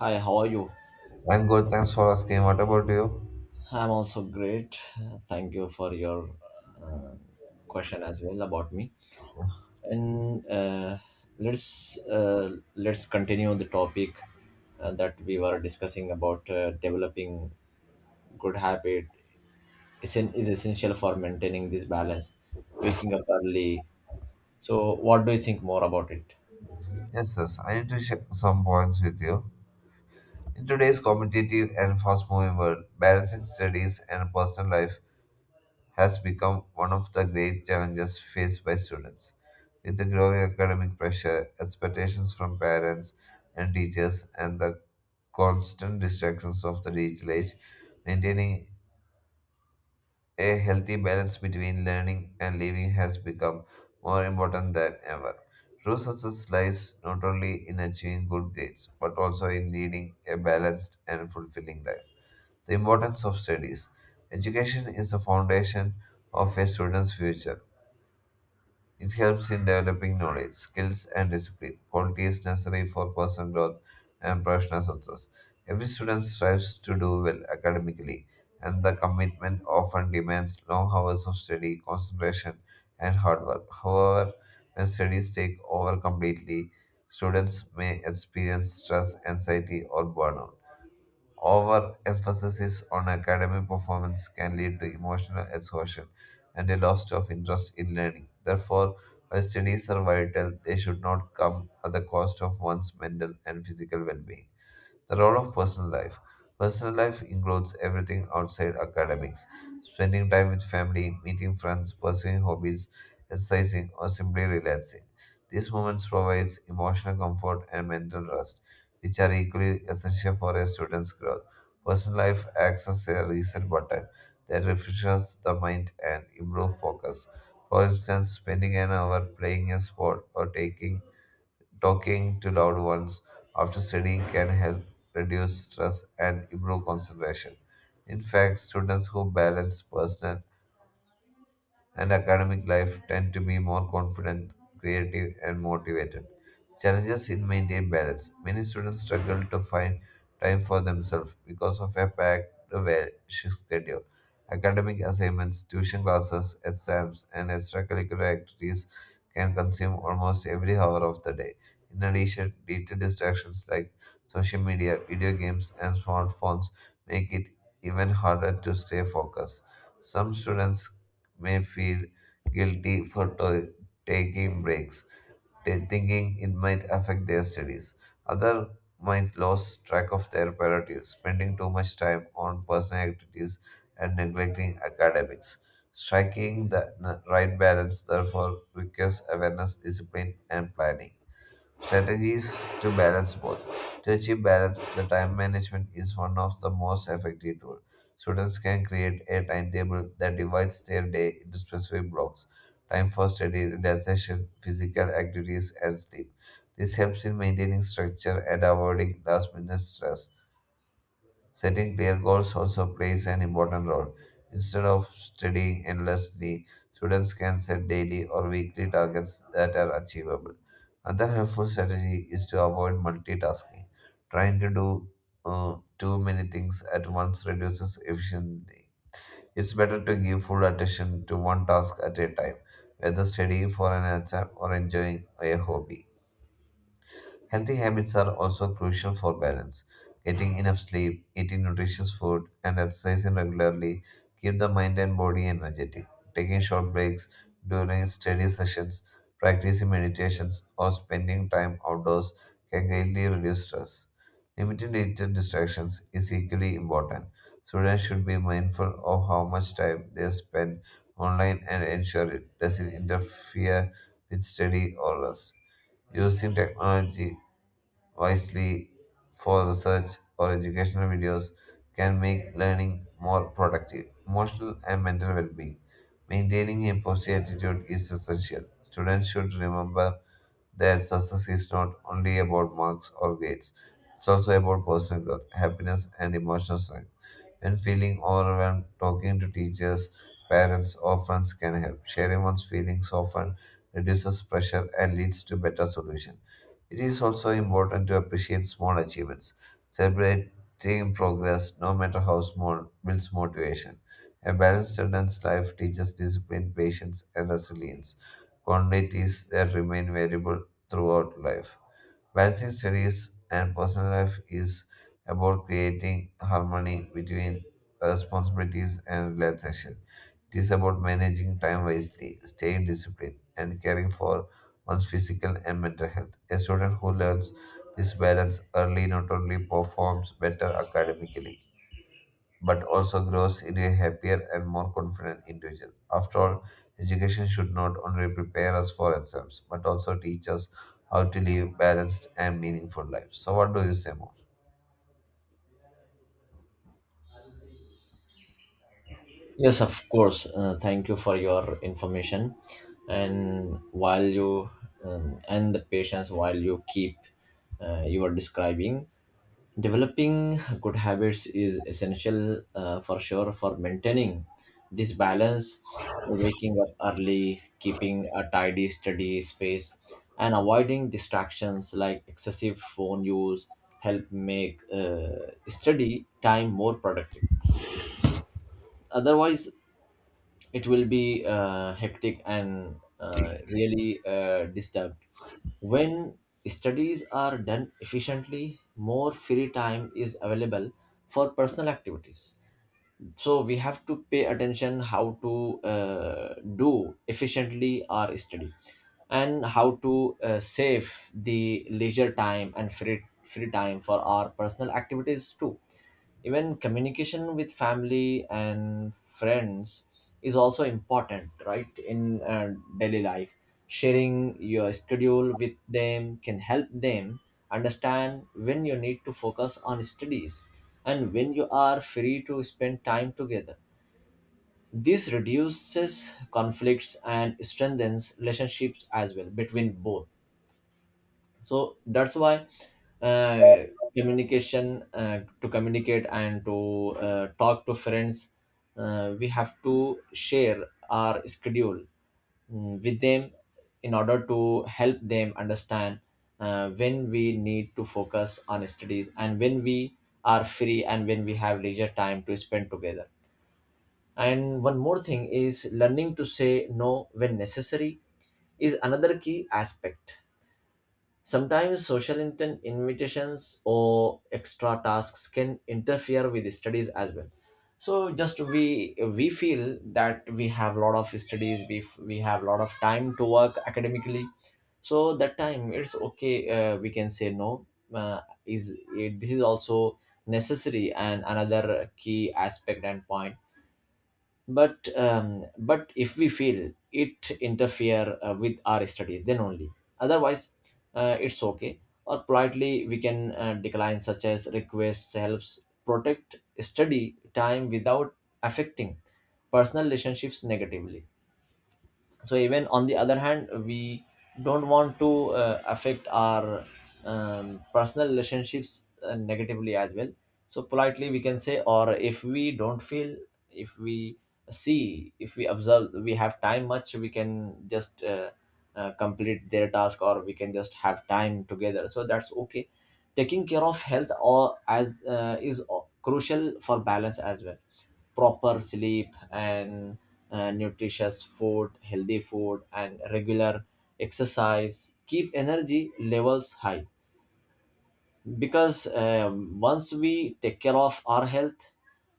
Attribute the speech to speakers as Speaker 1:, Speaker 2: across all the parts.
Speaker 1: Hi, how are you?
Speaker 2: I'm good, thanks for asking. What about you?
Speaker 1: I'm also great. Thank you for your uh, question as well about me. And let's Let's continue the topic that we were discussing about developing good habit is, an, is essential for maintaining this balance, waking up early. So, what do you think more about it?
Speaker 2: Yes, I need to share some points with you. In today's competitive and fast moving world, balancing studies and personal life has become one of the great challenges faced by students. With the growing academic pressure, expectations from parents and teachers, and the constant distractions of the digital age, maintaining a healthy balance between learning and living has become more important than ever. True success lies not only in achieving good grades, but also in leading a balanced and fulfilling life. The importance of studies. Education is the foundation of a student's future. It helps in developing knowledge, skills, and discipline, qualities necessary for personal growth and professional success. Every student strives to do well academically, and the commitment often demands long hours of study, concentration, and hard work. However, when studies take over completely, students may experience stress, anxiety, or burnout. Overemphasis on academic performance can lead to emotional exhaustion and a loss of interest in learning. Therefore, while studies are vital, they should not come at the cost of one's mental and physical well being. The role of personal life. Personal life includes everything outside academics, spending time with family, meeting friends, pursuing hobbies, exercising, or simply relaxing. These moments provide emotional comfort and mental rest, which are equally essential for a student's growth. Personal life acts as a reset button that refreshes the mind and improves focus. For instance, spending an hour playing a sport or taking talking to loved ones after studying can help reduce stress and improve concentration. In fact, students who balance personal and academic life tend to be more confident, creative, and motivated. Challenges in maintaining balance. Many students struggle to find time for themselves because of a packed shift schedule. Academic assignments, tuition classes, exams, and extracurricular activities can consume almost every hour of the day. In addition, digital distractions like social media, video games, and smartphones make it even harder to stay focused. Some students may feel guilty for taking breaks, thinking it might affect their studies. Others might lose track of their priorities, spending too much time on personal activities and neglecting academics. Striking the right balance, therefore, requires awareness, discipline, and planning. Strategies to balance both. To achieve balance, the time management is one of the most effective tools. Students can create a timetable that divides their day into specific blocks, time for study, relaxation, physical activities, and sleep. This helps in maintaining structure and avoiding last minute stress. Setting clear goals also plays an important role. Instead of studying endlessly, students can set daily or weekly targets that are achievable. Another helpful strategy is to avoid multitasking. Trying to do too many things at once reduces efficiency. It's better to give full attention to one task at a time, whether studying for an exam or enjoying a hobby. Healthy habits are also crucial for balance. Getting enough sleep, eating nutritious food, and exercising regularly keep the mind and body energetic. Taking short breaks during study sessions, practicing meditations, or spending time outdoors can greatly reduce stress. Limiting digital distractions is equally important. Students should be mindful of how much time they spend online and ensure it doesn't interfere with study or rest, using technology wisely for research or educational videos can make learning more productive. Emotional and mental well being. Maintaining a positive attitude is essential. Students should remember that success is not only about marks or grades, it's also about personal growth, happiness, and emotional strength. When feeling overwhelmed, talking to teachers, parents, or friends can help. Sharing one's feelings often reduces pressure and leads to better solutions. It is also important to appreciate small achievements. Celebrating progress, no matter how small, builds motivation. A balanced student's life teaches discipline, patience, and resilience, qualities that remain valuable throughout life. Balancing studies and personal life is about creating harmony between responsibilities and relaxation. It is about managing time wisely, staying disciplined, and caring for one's physical and mental health. A student who learns this balance early not only performs better academically but also grows into a happier and more confident individual. After all, education should not only prepare us for exams, but also teach us how to live balanced and meaningful lives. So, what do you say more?
Speaker 1: Yes, of course. Thank you for your information. And while you and the patience while you keep you are describing, developing good habits is essential for sure for maintaining this balance. Waking up early, keeping a tidy, steady space, and avoiding distractions like excessive phone use help make study time more productive, otherwise it will be hectic and really disturbed. When studies are done efficiently, more free time is available for personal activities. So we have to pay attention how to do efficiently our study, and how to save the leisure time and free time for our personal activities too. Even communication with family and friends is also important, right, in daily life. Sharing your schedule with them can help them understand when you need to focus on studies and when you are free to spend time together. This reduces conflicts and strengthens relationships as well between both. So that's why, uh, communication to communicate and to talk to friends, we have to share our schedule, with them in order to help them understand when we need to focus on studies and when we are free and when we have leisure time to spend together. And one more thing is, learning to say no when necessary is another key aspect. Sometimes social invitations or extra tasks can interfere with studies as well. So just we feel that we have a lot of studies, we have a lot of time to work academically. So that time it's okay. We can say no. This is also necessary and another key aspect and point, but if we feel it interfere with our studies, then only, otherwise it's okay. Or politely we can decline, such as requests helps protect study time without affecting personal relationships negatively. So even on the other hand, we don't want to affect our personal relationships negatively as well. So politely we can say, or if we don't feel, if we see, if we observe we have time much, we can just complete their task, or we can just have time together, so that's okay. Taking care of health or as is crucial for balance as well. Proper sleep and nutritious food, healthy food, and regular exercise keep energy levels high, because once we take care of our health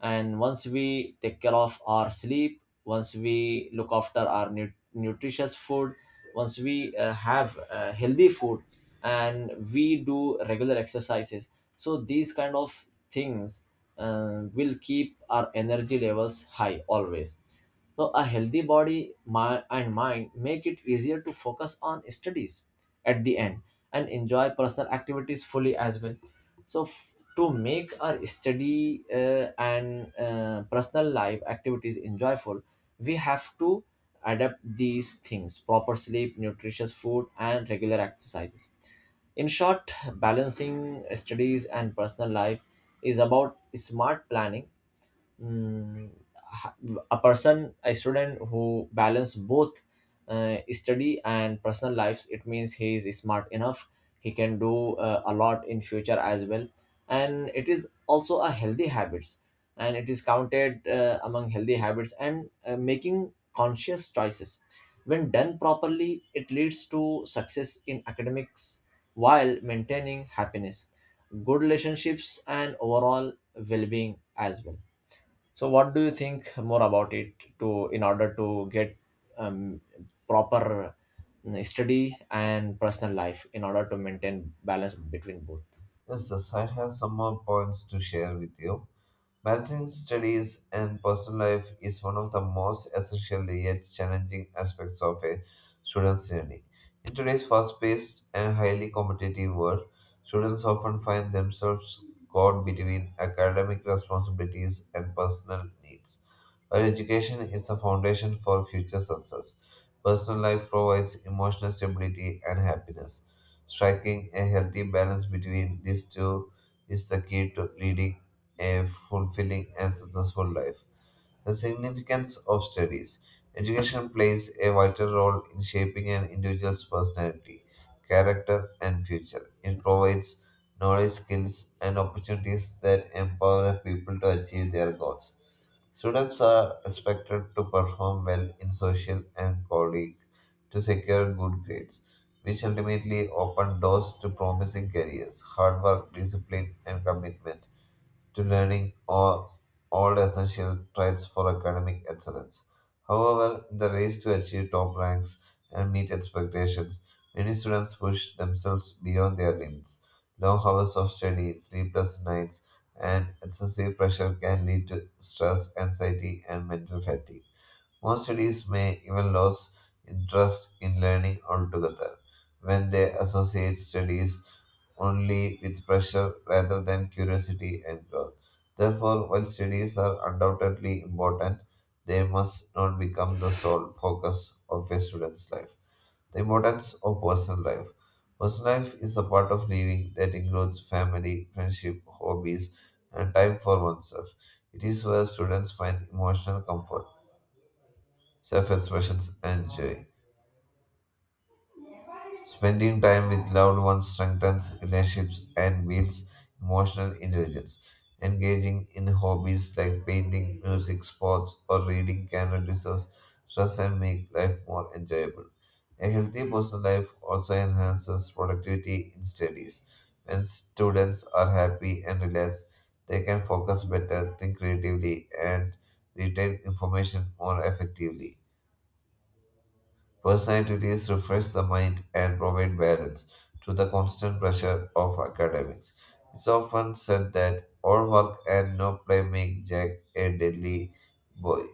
Speaker 1: and once we take care of our sleep, once we look after our nutritious food, once we have healthy food, and we do regular exercises, so these kind of things will keep our energy levels high always. So a healthy and mind make it easier to focus on studies at the end, and enjoy personal activities fully as well. So to make our study and personal life activities enjoyable, we have to adapt these things: proper sleep, nutritious food, and regular exercises. In short, balancing studies and personal life is about smart planning. mm, a person, a student who balance both study and personal lives, it means he is smart enough, he can do a lot in future as well. And it is also a healthy habits, and it is counted among healthy habits and making conscious choices. When done properly, it leads to success in academics while maintaining happiness, good relationships, and overall well-being as well. So, what do you think more about it, to in order to get um, proper study and personal life in order to maintain balance between both?
Speaker 2: Yes, I have some more points to share with you. Balancing studies and personal life is one of the most essential yet challenging aspects of a student's journey. In today's fast paced and highly competitive world, students often find themselves caught between academic responsibilities and personal needs. While education is the foundation for future success, personal life provides emotional stability and happiness. Striking a healthy balance between these two is the key to leading a fulfilling and successful life. The significance of studies. Education plays a vital role in shaping an individual's personality, character, and future. It provides knowledge, skills, and opportunities that empower people to achieve their goals. Students are expected to perform well in social and colleague to secure good grades, which ultimately open doors to promising careers. Hard work, discipline, and commitment to all essential traits for academic excellence. However, in the race to achieve top ranks and meet expectations, many students push themselves beyond their limits. Long hours of study, sleepless nights, and excessive pressure can lead to stress, anxiety, and mental fatigue. Most studies may even lose interest in learning altogether when they associate studies only with pressure rather than curiosity and growth. Therefore, while studies are undoubtedly important, they must not become the sole focus of a student's life. The importance of personal life. Personal life is a part of living that includes family, friendship, hobbies, and time for oneself. It is where students find emotional comfort, self expression and joy. Spending time with loved ones strengthens relationships and builds emotional intelligence. Engaging in hobbies like painting, music, sports, or reading can reduce us stress and make life more enjoyable. A healthy personal life also enhances productivity in studies. When students are happy and relaxed, they can focus better, think creatively, and retain information more effectively. Personal activities refresh the mind and provide balance to the constant pressure of academics. It's often said that all work and no play make Jack a deadly boy.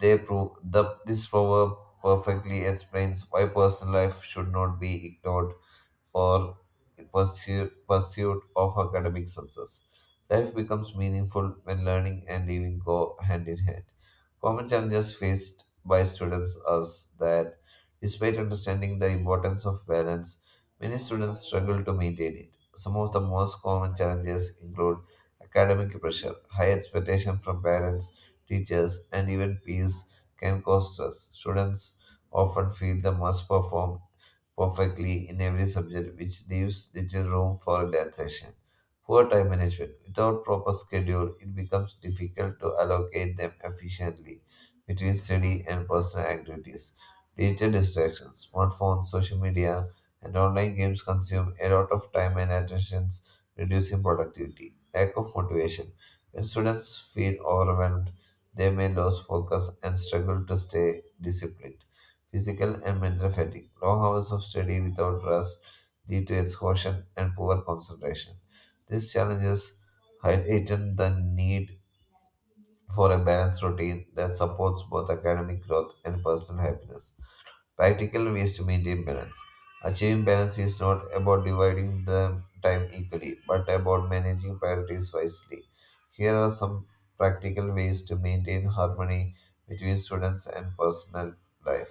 Speaker 2: This proverb perfectly explains why personal life should not be ignored or pursuit of academic success. Life becomes meaningful when learning and living go hand in hand. Common challenges faced by students are that, despite understanding the importance of balance, many students struggle to maintain it. Some of the most common challenges include academic pressure, high expectation from parents, teachers, and even peers can cause stress. Students often feel they must perform perfectly in every subject, which leaves little room for relaxation. Poor time management. Without proper schedule, it becomes difficult to allocate them efficiently between study and personal activities. Digital distractions, smartphones, social media, and online games consume a lot of time and attention, reducing productivity. Lack of motivation. When students feel overwhelmed, they may lose focus and struggle to stay disciplined, physical and mental fatigue. Long hours of study without rest lead to exhaustion and poor concentration. These challenges heighten the need for a balanced routine that supports both academic growth and personal happiness, practical ways to maintain balance. Achieving balance is not about dividing the time equally, but about managing priorities wisely. Here are some practical ways to maintain harmony between students and personal life.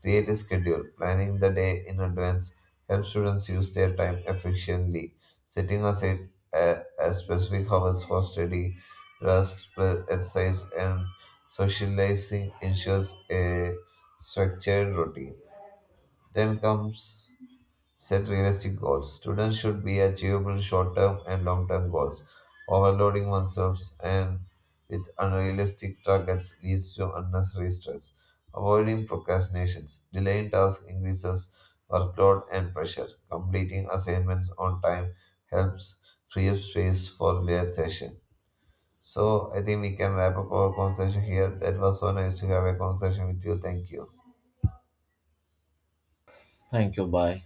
Speaker 2: Create a schedule. Planning the day in advance helps students use their time efficiently. Setting aside specific hours for study, rest, exercise, and socializing ensures a structured routine, then comes set realistic goals. Students should be achievable short term and long term goals. Overloading oneself and with unrealistic targets leads to unnecessary stress. Avoiding procrastinations. Delaying tasks increases workload and pressure. Completing assignments on time helps free up space for relaxation. So I think we can wrap up our conversation here. That was so nice to have a conversation with you. Thank you.
Speaker 1: Thank you. Bye.